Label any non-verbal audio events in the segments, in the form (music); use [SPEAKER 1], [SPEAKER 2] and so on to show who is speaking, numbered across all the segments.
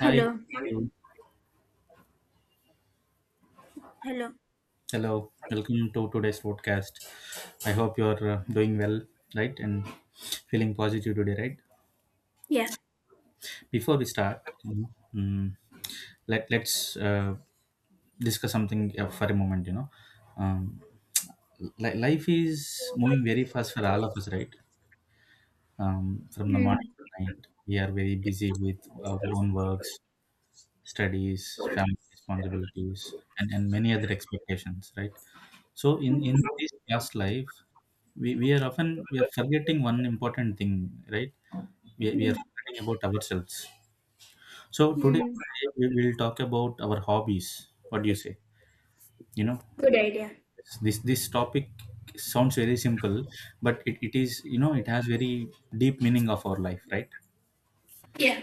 [SPEAKER 1] Hi.
[SPEAKER 2] Hello.
[SPEAKER 1] You.
[SPEAKER 2] Hello.
[SPEAKER 1] Hello. Welcome to today's podcast. I hope you're doing well, right? And feeling positive today, right?
[SPEAKER 2] Yeah.
[SPEAKER 1] Before we start, let's discuss something for a moment. Um, life is moving very fast for all of us, right? From the morning
[SPEAKER 2] Hmm.
[SPEAKER 1] to night, we are very busy with our own works, studies, family responsibilities, and many other expectations, right? So in,
[SPEAKER 2] Hmm.
[SPEAKER 1] in this past life, we are often we are forgetting one important thing, right? We are
[SPEAKER 2] Hmm.
[SPEAKER 1] forgetting about ourselves. So today
[SPEAKER 2] Hmm.
[SPEAKER 1] we will talk about our hobbies. What do you say? You know,
[SPEAKER 2] Good idea.
[SPEAKER 1] this topic sounds very simple, but it is it has very deep meaning of our life, right?
[SPEAKER 2] Yeah.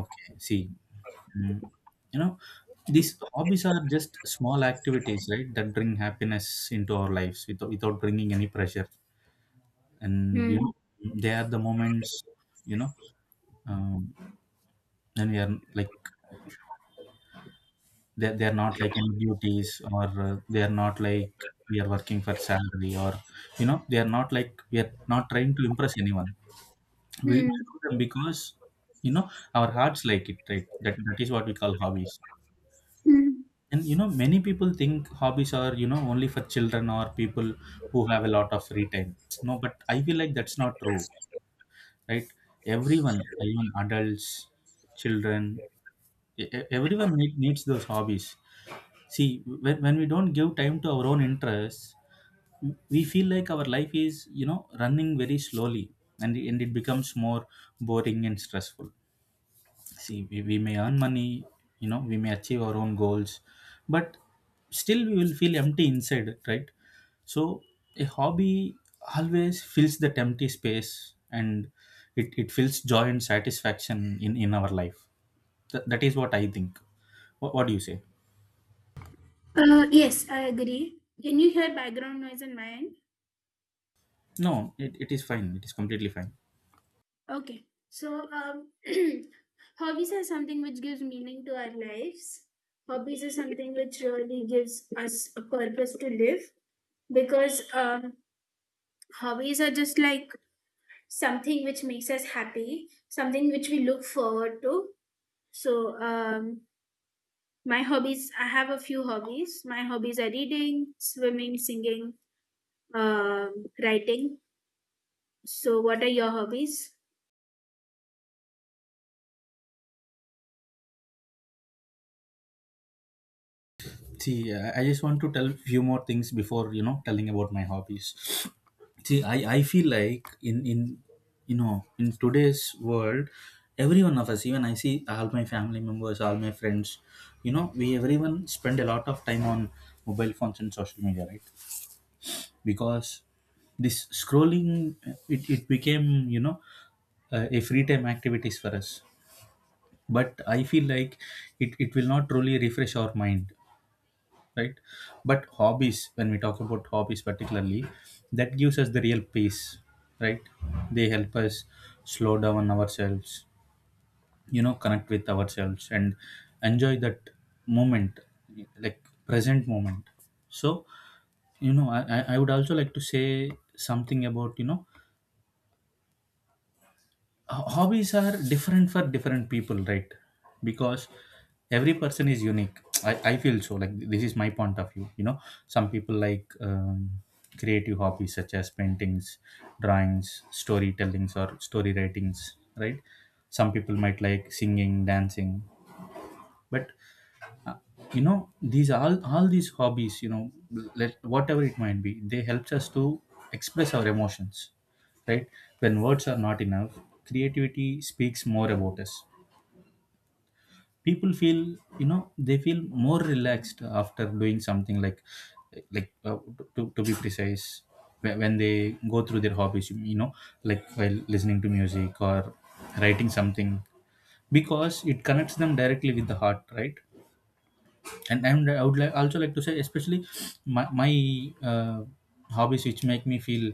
[SPEAKER 1] Okay. See, mm, you know, these hobbies are just small activities, right? That bring happiness into our lives without bringing any pressure, and
[SPEAKER 2] Hmm.
[SPEAKER 1] they are the moments you know um, and we are like they are not like any duties or they are not like we are working for salary, or they are not like we are not trying to impress anyone. We do
[SPEAKER 2] Hmm.
[SPEAKER 1] them because you know our hearts like it, right? That is what we call hobbies.
[SPEAKER 2] Hmm.
[SPEAKER 1] And many people think hobbies are only for children or people who have a lot of free time. No, but I feel like that's not true, right? Everyone, even adults, children, everyone needs those hobbies. See, when we don't give time to our own interests, we feel like our life is running very slowly, and it becomes more boring and stressful. See, we may earn money, we may achieve our own goals, but still we will feel empty inside, right? So a hobby always fills that empty space, and it fills joy and satisfaction in our life. That is what I think. What do you say?
[SPEAKER 2] Yes, I agree. Can you hear background noise on my end?
[SPEAKER 1] No, it is fine, it is completely fine.
[SPEAKER 2] Okay. So, (clears throat) hobbies are something which gives meaning to our lives. Hobbies are something which really gives us a purpose to live because hobbies are just like something which makes us happy, something which we look forward to. So, I have a few hobbies. My hobbies are reading, swimming, singing, writing. So, what are your hobbies?
[SPEAKER 1] See, I just want to tell few more things before telling about my hobbies. See, I feel like in you know in today's world, every one of us, even I see all my family members, all my friends, we everyone spend a lot of time on mobile phones and social media, right? Because this scrolling, it became a free time activities for us. But I feel like it will not truly refresh our mind, right? But hobbies, when we talk about hobbies particularly, that gives us the real peace, right? They help us slow down ourselves, connect with ourselves and enjoy that moment, like present moment. So I would also like to say something about hobbies are different for different people, right? Because every person is unique. I feel so, like this is my point of view. Some people like creative hobbies such as paintings, drawings, storytellings or story writings, right? Some people might like singing, dancing. But you know these all these hobbies, let whatever it might be, they helps us to express our emotions, right? When words are not enough, creativity speaks more about us. People feel, they feel more relaxed after doing something like, to be precise, when they go through their hobbies, like while listening to music or writing something, because it connects them directly with the heart, right? And I would like also like to say, especially my my uh, hobbies which make me feel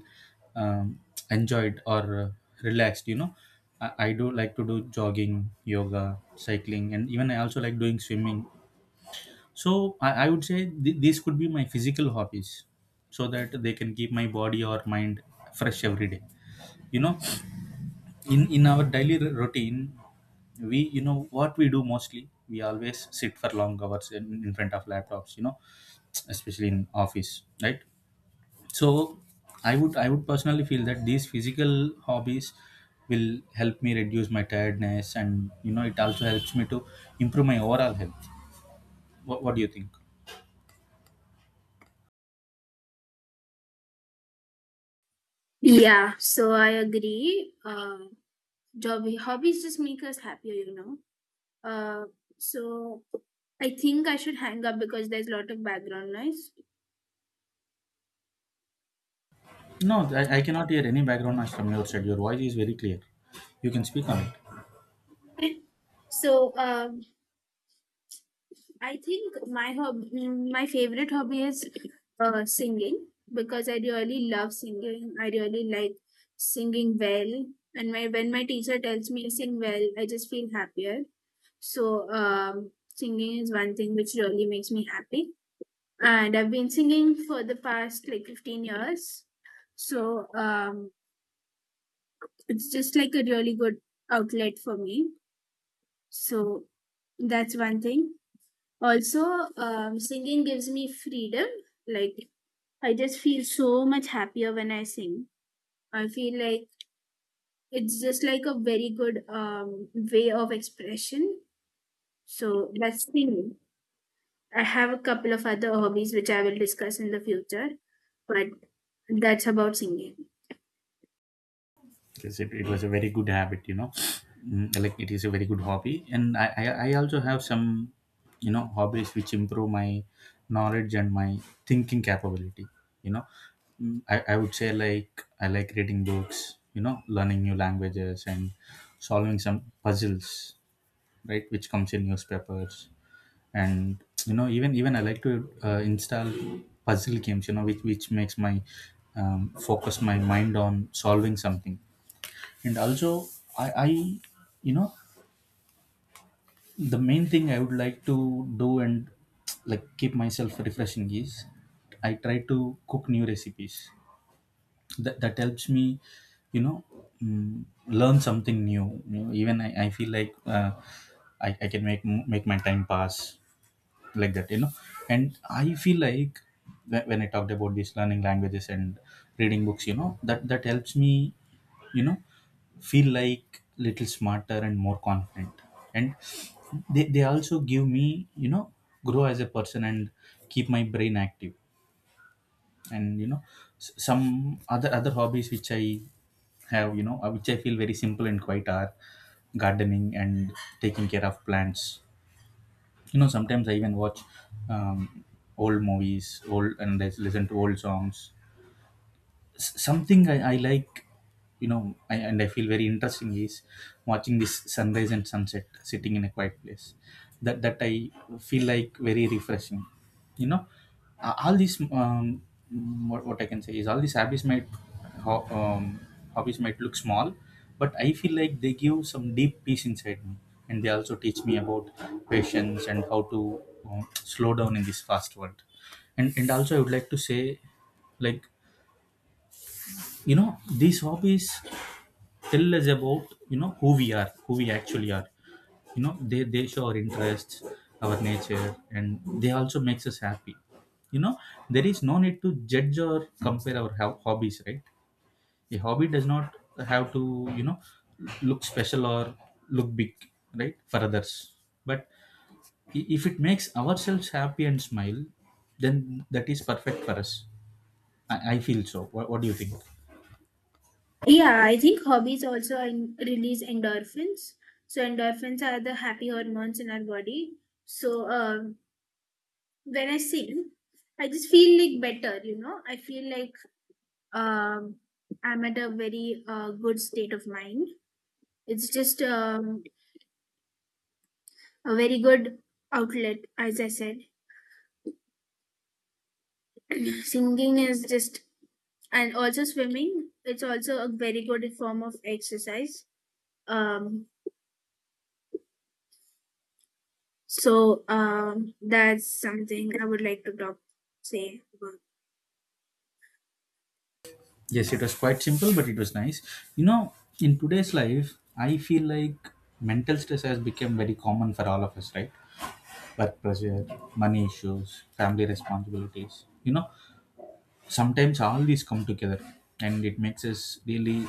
[SPEAKER 1] um, enjoyed or relaxed. You know, I do like to do jogging, yoga, cycling, and even I also like doing swimming. So I would say these could be my physical hobbies, so that they can keep my body or mind fresh every day. You know, in our daily routine, we you know what we do mostly, we always sit for long hours in front of laptops, especially in office, right? So I would personally feel that these physical hobbies will help me reduce my tiredness, and it also helps me to improve my overall health. What do you think?
[SPEAKER 2] Yeah, so I agree. Hobbies just make us happier, you know. Uh, so, I think I should hang up because there's a lot of background noise.
[SPEAKER 1] No, I cannot hear any background noise from your side. Your voice is very clear, you can speak on it.
[SPEAKER 2] (laughs) So, I think my my favorite hobby is singing because I really love singing. I really like singing well, and my when my teacher tells me to sing well, I just feel happier. So singing is one thing which really makes me happy, and I've been singing for the past like 15 years. So it's just like a really good outlet for me. So that's one thing. Also, singing gives me freedom. Like, I just feel so much happier when I sing. I feel like it's just like a very good way of expression. So, that's singing. I have a couple of other hobbies which I will discuss in the future, but that's about singing.
[SPEAKER 1] Because it was a very good habit. Like it is a very good hobby, and I also have some hobbies which improve my knowledge and my thinking capability you know I would say, like I like reading books, learning new languages and solving some puzzles, right? Which comes in newspapers. And even I like to install puzzle games, which makes my um, focus my mind on solving something. And also I you know the main thing I would like to do and like keep myself refreshing is I try to cook new recipes. That helps me you know learn something new. Even I feel like I can make my time pass like that. And I feel like when I talked about these learning languages and reading books, that helps me you know feel like little smarter and more confident. And they also give me, grow as a person and keep my brain active. And some other hobbies which I have, which I feel very simple and quiet, are gardening and taking care of plants. Sometimes I even watch um, old movies, old and I listen to old songs. Something I like, and I feel very interesting is watching this sunrise and sunset sitting in a quiet place. That I feel like very refreshing. You know, A- all these What I can say is all these hobbies ho- um, might look small, but I feel like they give some deep peace inside me, and they also teach me about patience and how to slow down in this fast world. And also I would like to say, like, these hobbies tell us about, who we actually are. You know, they show our interests, our nature, and they also makes us happy you know there is no need to judge or compare our hobbies, right? A hobby does not have to, you know look special or look big, right, for others. But if it makes ourselves happy and smile, then that is perfect for us. I feel so. What do you think?
[SPEAKER 2] Yeah, I think hobbies also release endorphins. So endorphins are the happy hormones in our body. So when I sing, I just feel like better, you know. I feel like um, I'm at a very good state of mind. It's just a very good outlet, as I said. (clears throat) Singing is just, and also swimming, it's also a very good form of exercise. Um, that's something I would like to say about.
[SPEAKER 1] Yes, it was quite simple, but it was nice. You know, in today's life, I feel like mental stress has become very common for all of us, right? Work pressure, money issues, family responsibilities. Sometimes all these come together, and it makes us really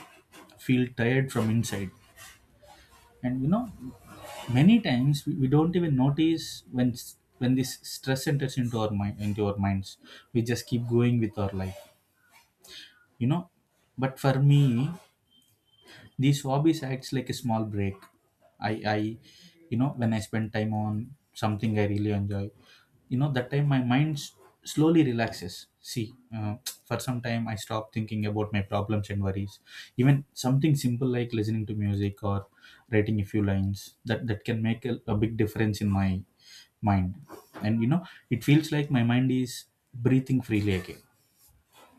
[SPEAKER 1] feel tired from inside. And many times we don't even notice when when this stress enters into our minds. We just keep going with our life. You know, but for me these hobbies acts like a small break. I when I spend time on something I really enjoy, that time my mind slowly relaxes. See, for some time I stop thinking about my problems and worries. Even something simple like listening to music or writing a few lines, that can make a big difference in my mind. And it feels like my mind is breathing freely again.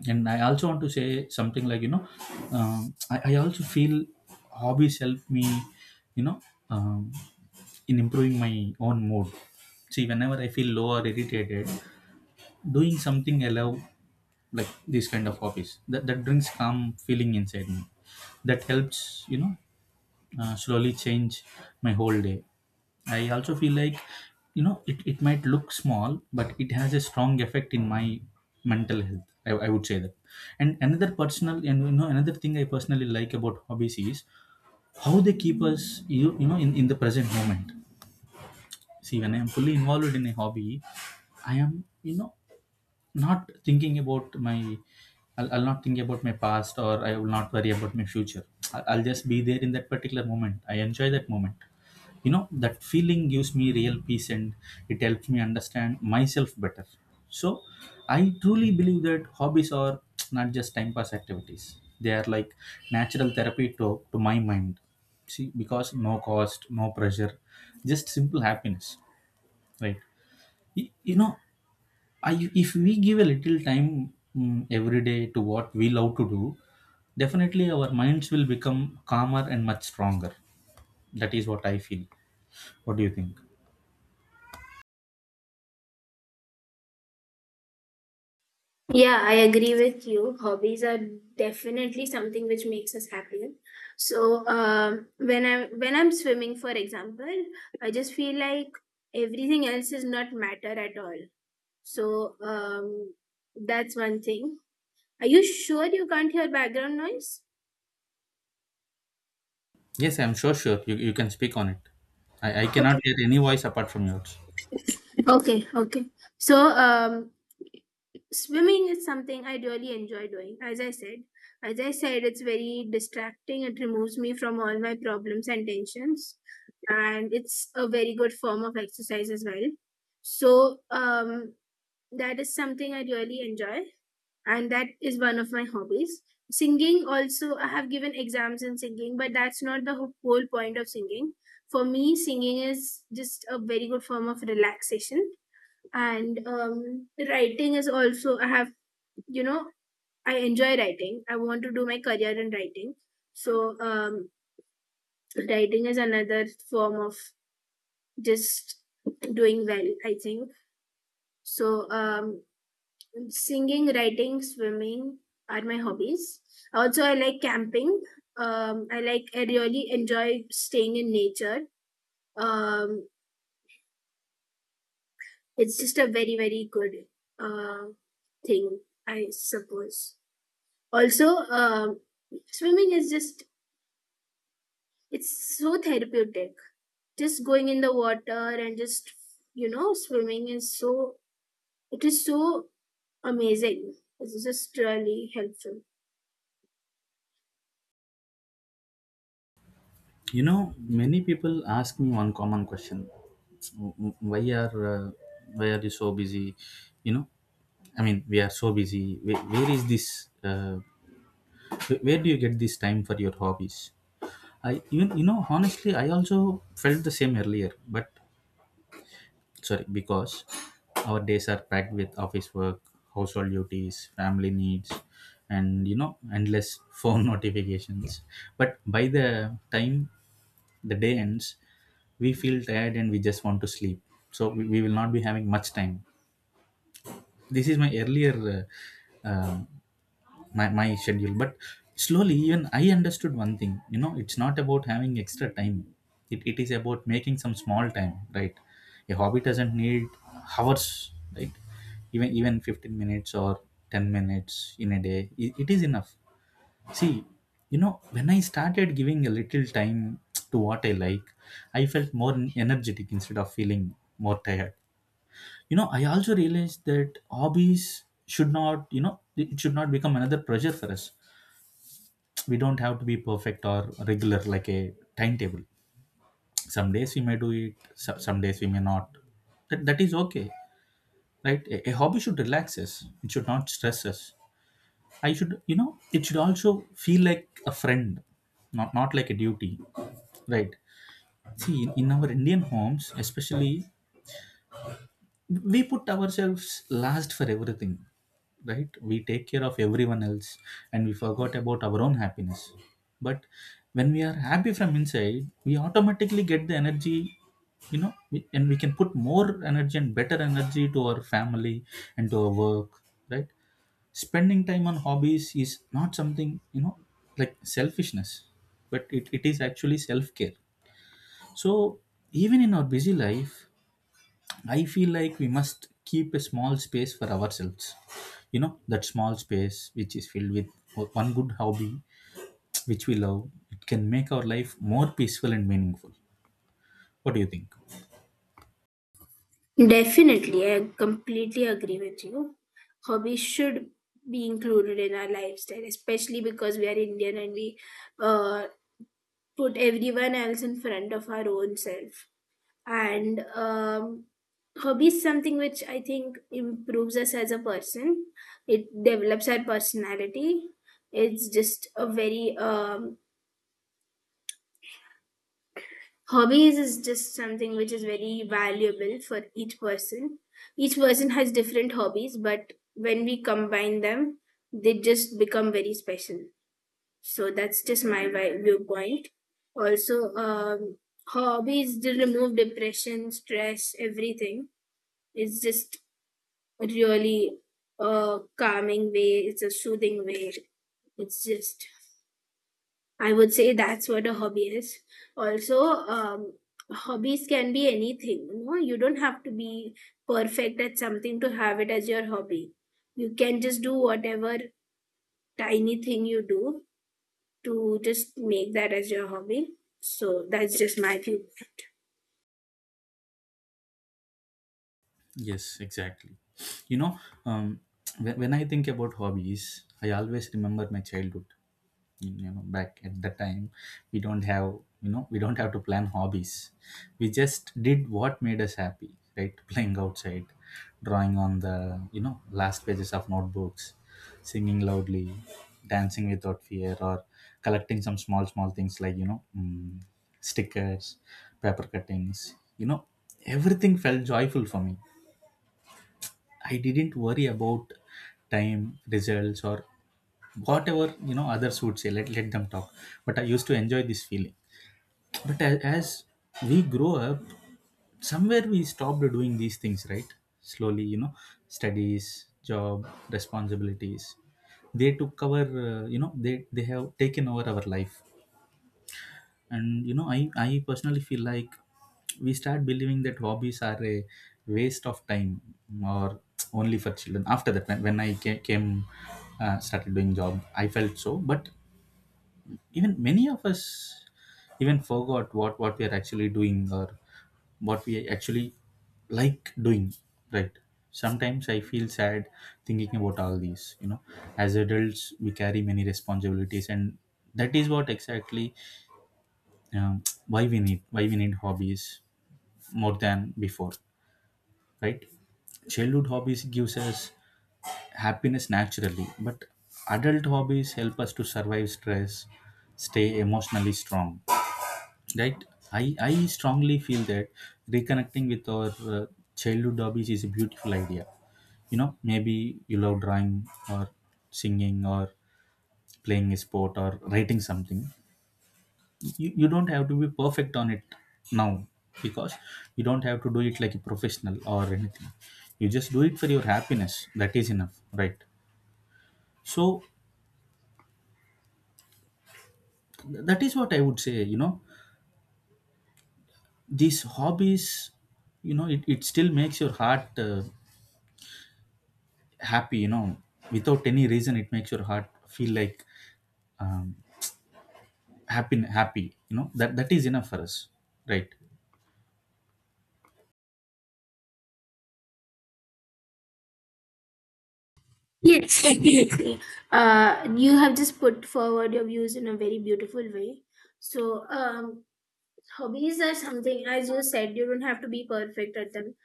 [SPEAKER 1] And I also want to say something like, I also feel hobbies help me, you know, um, in improving my own mood. See, whenever I feel low or irritated, doing something I love, like this kind of hobbies, that brings calm feeling inside me. That helps, slowly change my whole day. I also feel like, it might look small, but it has a strong effect in my mental health. I would say that. And another personal, and you know, another thing I personally like about hobbies is how they keep us, in the present moment. See, when I am fully involved in a hobby, I am, not thinking I'll not think about my past, or I will not worry about my future. I'll just be there in that particular moment. I enjoy that moment. That feeling gives me real peace, and it helps me understand myself better. So I truly believe that hobbies are (tsk) not just time pass activities. They are like natural therapy to my mind. See, because no cost, no pressure, just simple happiness, right? You know, if we give a little time, every day, to what we love to do, definitely our minds will become calmer and much stronger. That is what I feel. What do you think?
[SPEAKER 2] Yeah, I agree with you. Hobbies are definitely something which makes us happier. So when I when I'm swimming, for example, I just feel like everything else is not matter at all. So that's one thing. Are you sure you can't hear background noise?
[SPEAKER 1] Yes, I'm sure, sure. You can speak on it. I cannot
[SPEAKER 2] Okay,
[SPEAKER 1] hear any voice apart from yours.
[SPEAKER 2] okay, okay. So swimming is something I really enjoy doing, as I said, it's very distracting. It removes me from all my problems and tensions, and it's a very good form of exercise as well. So that is something I really enjoy, and that is one of my hobbies. Singing also, I have given exams in singing, but that's not the whole point of singing. For me, singing is just a very good form of relaxation. And writing is also, I have, you know, I enjoy writing. I want to do my career in writing. So um writing is another form of just doing well, I think. So singing, writing, swimming are my hobbies. Also, I like camping. I really enjoy staying in nature. um it's just a very, very good uh thing, I suppose. Also, um swimming is just, it's so therapeutic. Just going in the water, and just, you know, swimming is so, it is so amazing. It's just really helpful.
[SPEAKER 1] You know, many people ask me one common question: "W- w- why are you so busy? You know, I mean, we are so busy. Where is this? Where do you get this time for your hobbies?" I even, you know, honestly, I also felt the same earlier, but sorry, because our days are packed with office work, household duties, family needs, and you know, endless phone (laughs) notifications. But by the time the day ends, we feel tired and we just want to sleep. So we will not be having much time. This is my earlier uh, uh, my schedule. But slowly even I understood one thing, you know, it's not about having extra time. It is about making some small time, right? A hobby doesn't need hours, right? Even 15 minutes or 10 minutes in a day, it is enough. See, you know, when I started giving a little time to what I like, I felt more energetic instead of feeling more tired. You know, I also realized that hobbies should not, you know, it should not become another pressure for us. We don't have to be perfect or regular like a timetable. Some days we may do it, some days we may not. That is okay, right? A hobby should relax us, it should not stress us. I should, you know, it should also feel like a friend, not like a duty, right? See, in our Indian homes especially, we put ourselves last for everything, right? We take care of everyone else and we forgot about our own happiness. But when we are happy from inside, we automatically get the energy. You know, and we can put more energy and better energy to our family and to our work, right? Spending time on hobbies is not something, you know, like selfishness, but it is actually self-care. So even in our busy life, I feel like we must keep a small space for ourselves. You know, that small space which is filled with one good hobby which we love, it can make our life more peaceful and meaningful. What do you think?
[SPEAKER 2] Definitely, I completely agree with you. Hobbies should be included in our lifestyle, especially because we are Indian, and we, uh, put everyone else in front of our own self. And hobby is something which I think improves us as a person. It develops our personality. It's just a very hobbies is just something which is very valuable for each person. Each person has different hobbies, but when we combine them, they just become very special. So that's just my viewpoint. Also, hobbies, they remove depression, stress, everything. It's just really a calming way, it's a soothing way. It's just, I would say that's what a hobby is. Also, hobbies can be anything. You know, you don't have to be perfect at something to have it as your hobby. You can just do whatever tiny thing you do to just make that as your hobby. So that's just my view.
[SPEAKER 1] Yes, exactly. You know, um, when I think about hobbies, I always remember my childhood. You know, back at the time, we don't have, you know, we don't have to plan hobbies. We just did what made us happy, right? (laughs) Playing outside, drawing on the, you know, last pages of notebooks, singing loudly, dancing without fear, or collecting some small small things like, you know, stickers, paper cuttings, you know, everything felt joyful for me. I didn't worry about time, results, or whatever, you know, others would say. Let let them talk. But I used to enjoy this feeling. But as we grow up, somewhere we stopped doing these things, right? Slowly, you know, studies, job, responsibilities. They took our, you know, they have taken over our life. And you know, I personally feel like we start believing that hobbies are a waste of time, or only for children. After that, when, came, started doing job, I felt so. But even many of us even forgot what we are actually doing, or what we actually like doing, right? Sometimes I feel sad thinking about all these, you know, as adults we carry many responsibilities, and that is what exactly, why we need, hobbies more than before, right? Childhood hobbies gives us happiness naturally, but adult hobbies help us to survive stress, stay emotionally strong, right? I strongly feel that reconnecting with our uh, childhood hobbies is a beautiful idea. You know, maybe you love drawing, or singing, or playing a sport, or writing something. You don't have to be perfect on it now, because you don't have to do it like a professional or anything. You just do it for your happiness, that is enough, right? So that is what I would say. You know, these hobbies, you know, it still makes your heart happy, you know, without any reason. It makes your heart feel like, um, happy, happy, you know, that is enough for us, right?
[SPEAKER 2] Yes, (laughs) definitely. You have just put forward your views in a very beautiful way. So, hobbies are something, as you said, you don't have to be perfect at them.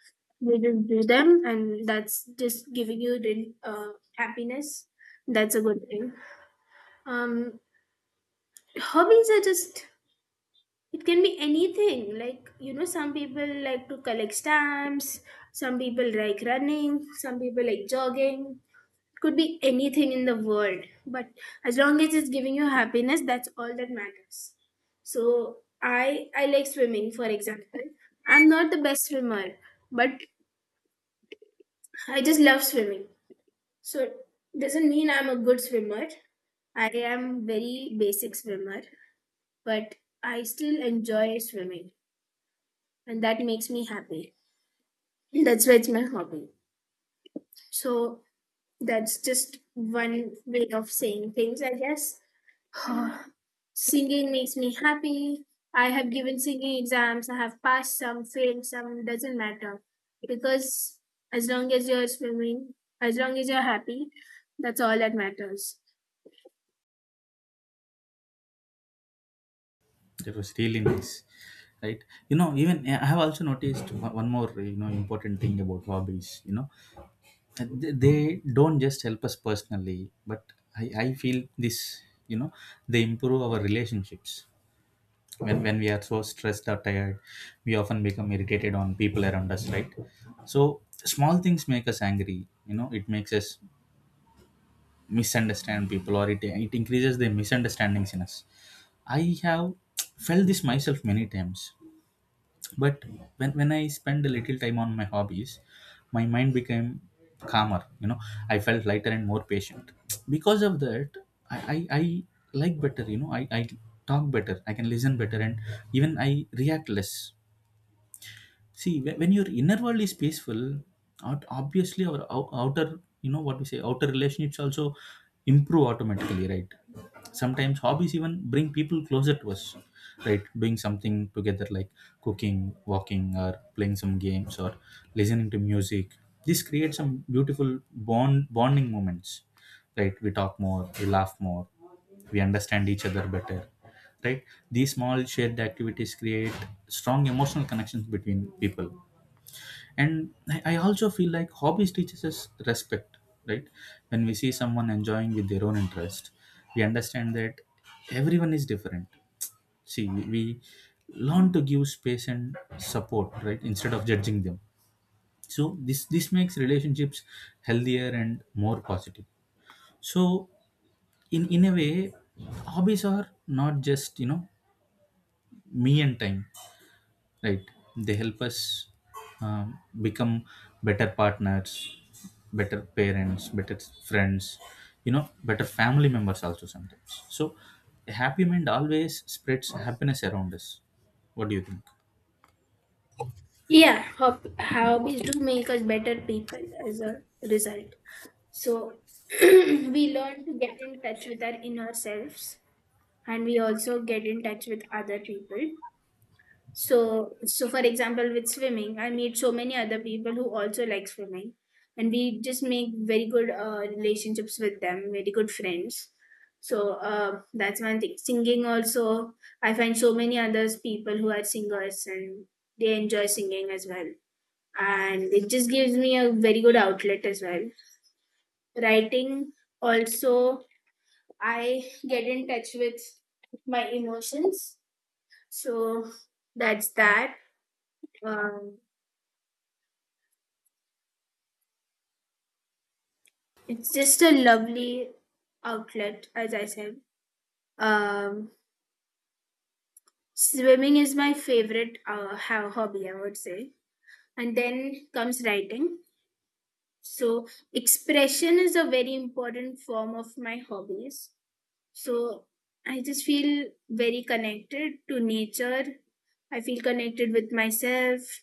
[SPEAKER 2] You just do them, and that's just giving you the happiness. That's a good thing. Um, hobbies are just, it can be anything. Like, you know, some people like to collect stamps, some people like running, some people like jogging, could be anything in the world. But as long as it's giving you happiness, that's all that matters. So i I like swimming, for example. I'm not the best swimmer, but I just love swimming. So doesn't mean I'm a good swimmer. I am very basic swimmer, but I still enjoy swimming, and that makes me happy. That's why it's my hobby. So that's just one way of saying things, I guess. Huh. Singing makes me happy. I have given singing exams. I have passed some, failed some. Doesn't matter because as long as you're swimming, as long as you're happy, that's all that matters.
[SPEAKER 1] It was really nice, right? You know, even yeah, I have also noticed one more, you know, important thing about hobbies. You know, They don't just help us personally, but I feel this. You know, they improve our relationships. When we are so stressed or tired, we often become irritated on people around us, right? So small things make us angry. You know, it makes us misunderstand people, or it increases the misunderstandings in us. I have felt this myself many times. But when I spend a little time on my hobbies, my mind became calmer. You know, I felt lighter and more patient. Because of that, i I like better. You know, I talk better, I can listen better, and even I react less. See, when your inner world is peaceful, obviously our outer, you know, what we say, outer relationships also improve automatically, right? Sometimes hobbies even bring people closer to us, right? Doing something together, like cooking, walking, or playing some games, or listening to music, this creates some beautiful bonding moments, right? We talk more, we laugh more, we understand each other better, right? These small shared activities create strong emotional connections between people. And I also feel like hobbies teaches us respect, right? When we see someone enjoying with their own interest, we understand that everyone is different. See, we learn to give space and support, right, instead of judging them. So this makes relationships healthier and more positive. So in a way, hobbies are not just, you know, me and time, right? They help us, um, become better partners, better parents, better friends, you know, better family members also sometimes. So a happy mind always spreads happiness around us. What do you think?
[SPEAKER 2] Yeah, hobbies do make us better people as a result. So (clears throat) we learn to get in touch with our inner selves, and we also get in touch with other people. So, so for example, with swimming, I meet so many other people who also like swimming, and we just make very good relationships with them, very good friends. So that's one thing. Singing also, I find so many others people who are singers, and they enjoy singing as well, and it just gives me a very good outlet as well. Writing also, I get in touch with my emotions. So that's that. Um, It's just a lovely outlet, as I said. Um, swimming is my favorite hobby, I would say. And then comes writing. So, expression is a very important form of my hobbies. So, I just feel very connected to nature. I feel connected with myself.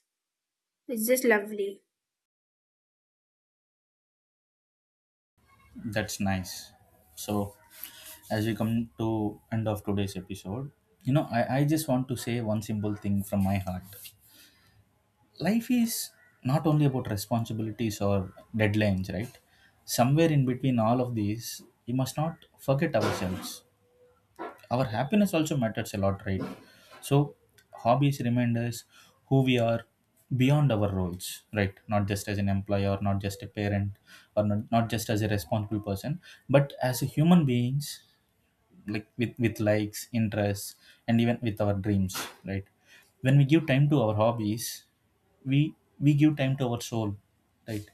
[SPEAKER 2] It's just lovely.
[SPEAKER 1] That's nice. So as we come to end of today's episode, you know, I just want to say one simple thing from my heart. Life is not only about responsibilities or deadlines, right? Somewhere in between all of these, we must not forget ourselves. Our happiness also matters a lot, right? So, hobbies remind us who we are beyond our roles, right? Not just as an employee, or not just a parent, or not just as a responsible person, but as a human beings, like with likes, interests, and even with our dreams, right? When we give time to our hobbies, we we give time to our soul, right?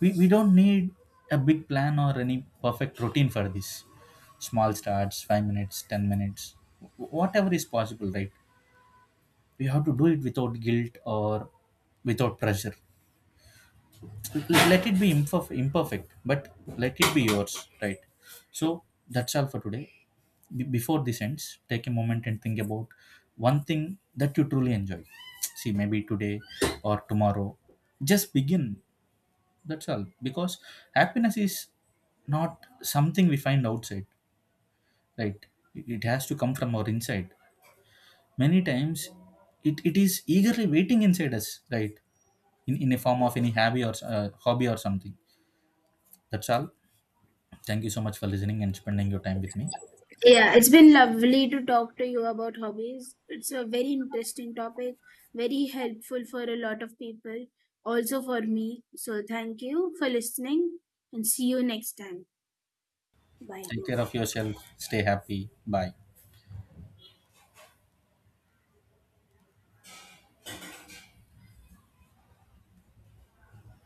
[SPEAKER 1] We don't need a big plan or any perfect routine for this. Small starts, 5 minutes, 10 minutes, whatever is possible, right? We have to do it without guilt or without pressure. Let it be imperfect, but let it be yours, right? So that's all for today. Be Before this ends, take a moment and think about one thing that you truly enjoy. See, maybe today or tomorrow, just begin. That's all, because happiness is not something we find outside, right? It has to come from our inside. Many times it is eagerly waiting inside us, right, in a form of any hobby, or something. That's all. Thank you so much for listening and spending your time with me.
[SPEAKER 2] Yeah, it's been lovely to talk to you about hobbies. It's a very interesting topic, very helpful for a lot of people, also for me. So, thank you for listening and see you next time. Bye.
[SPEAKER 1] Take care of yourself. Stay happy. Bye.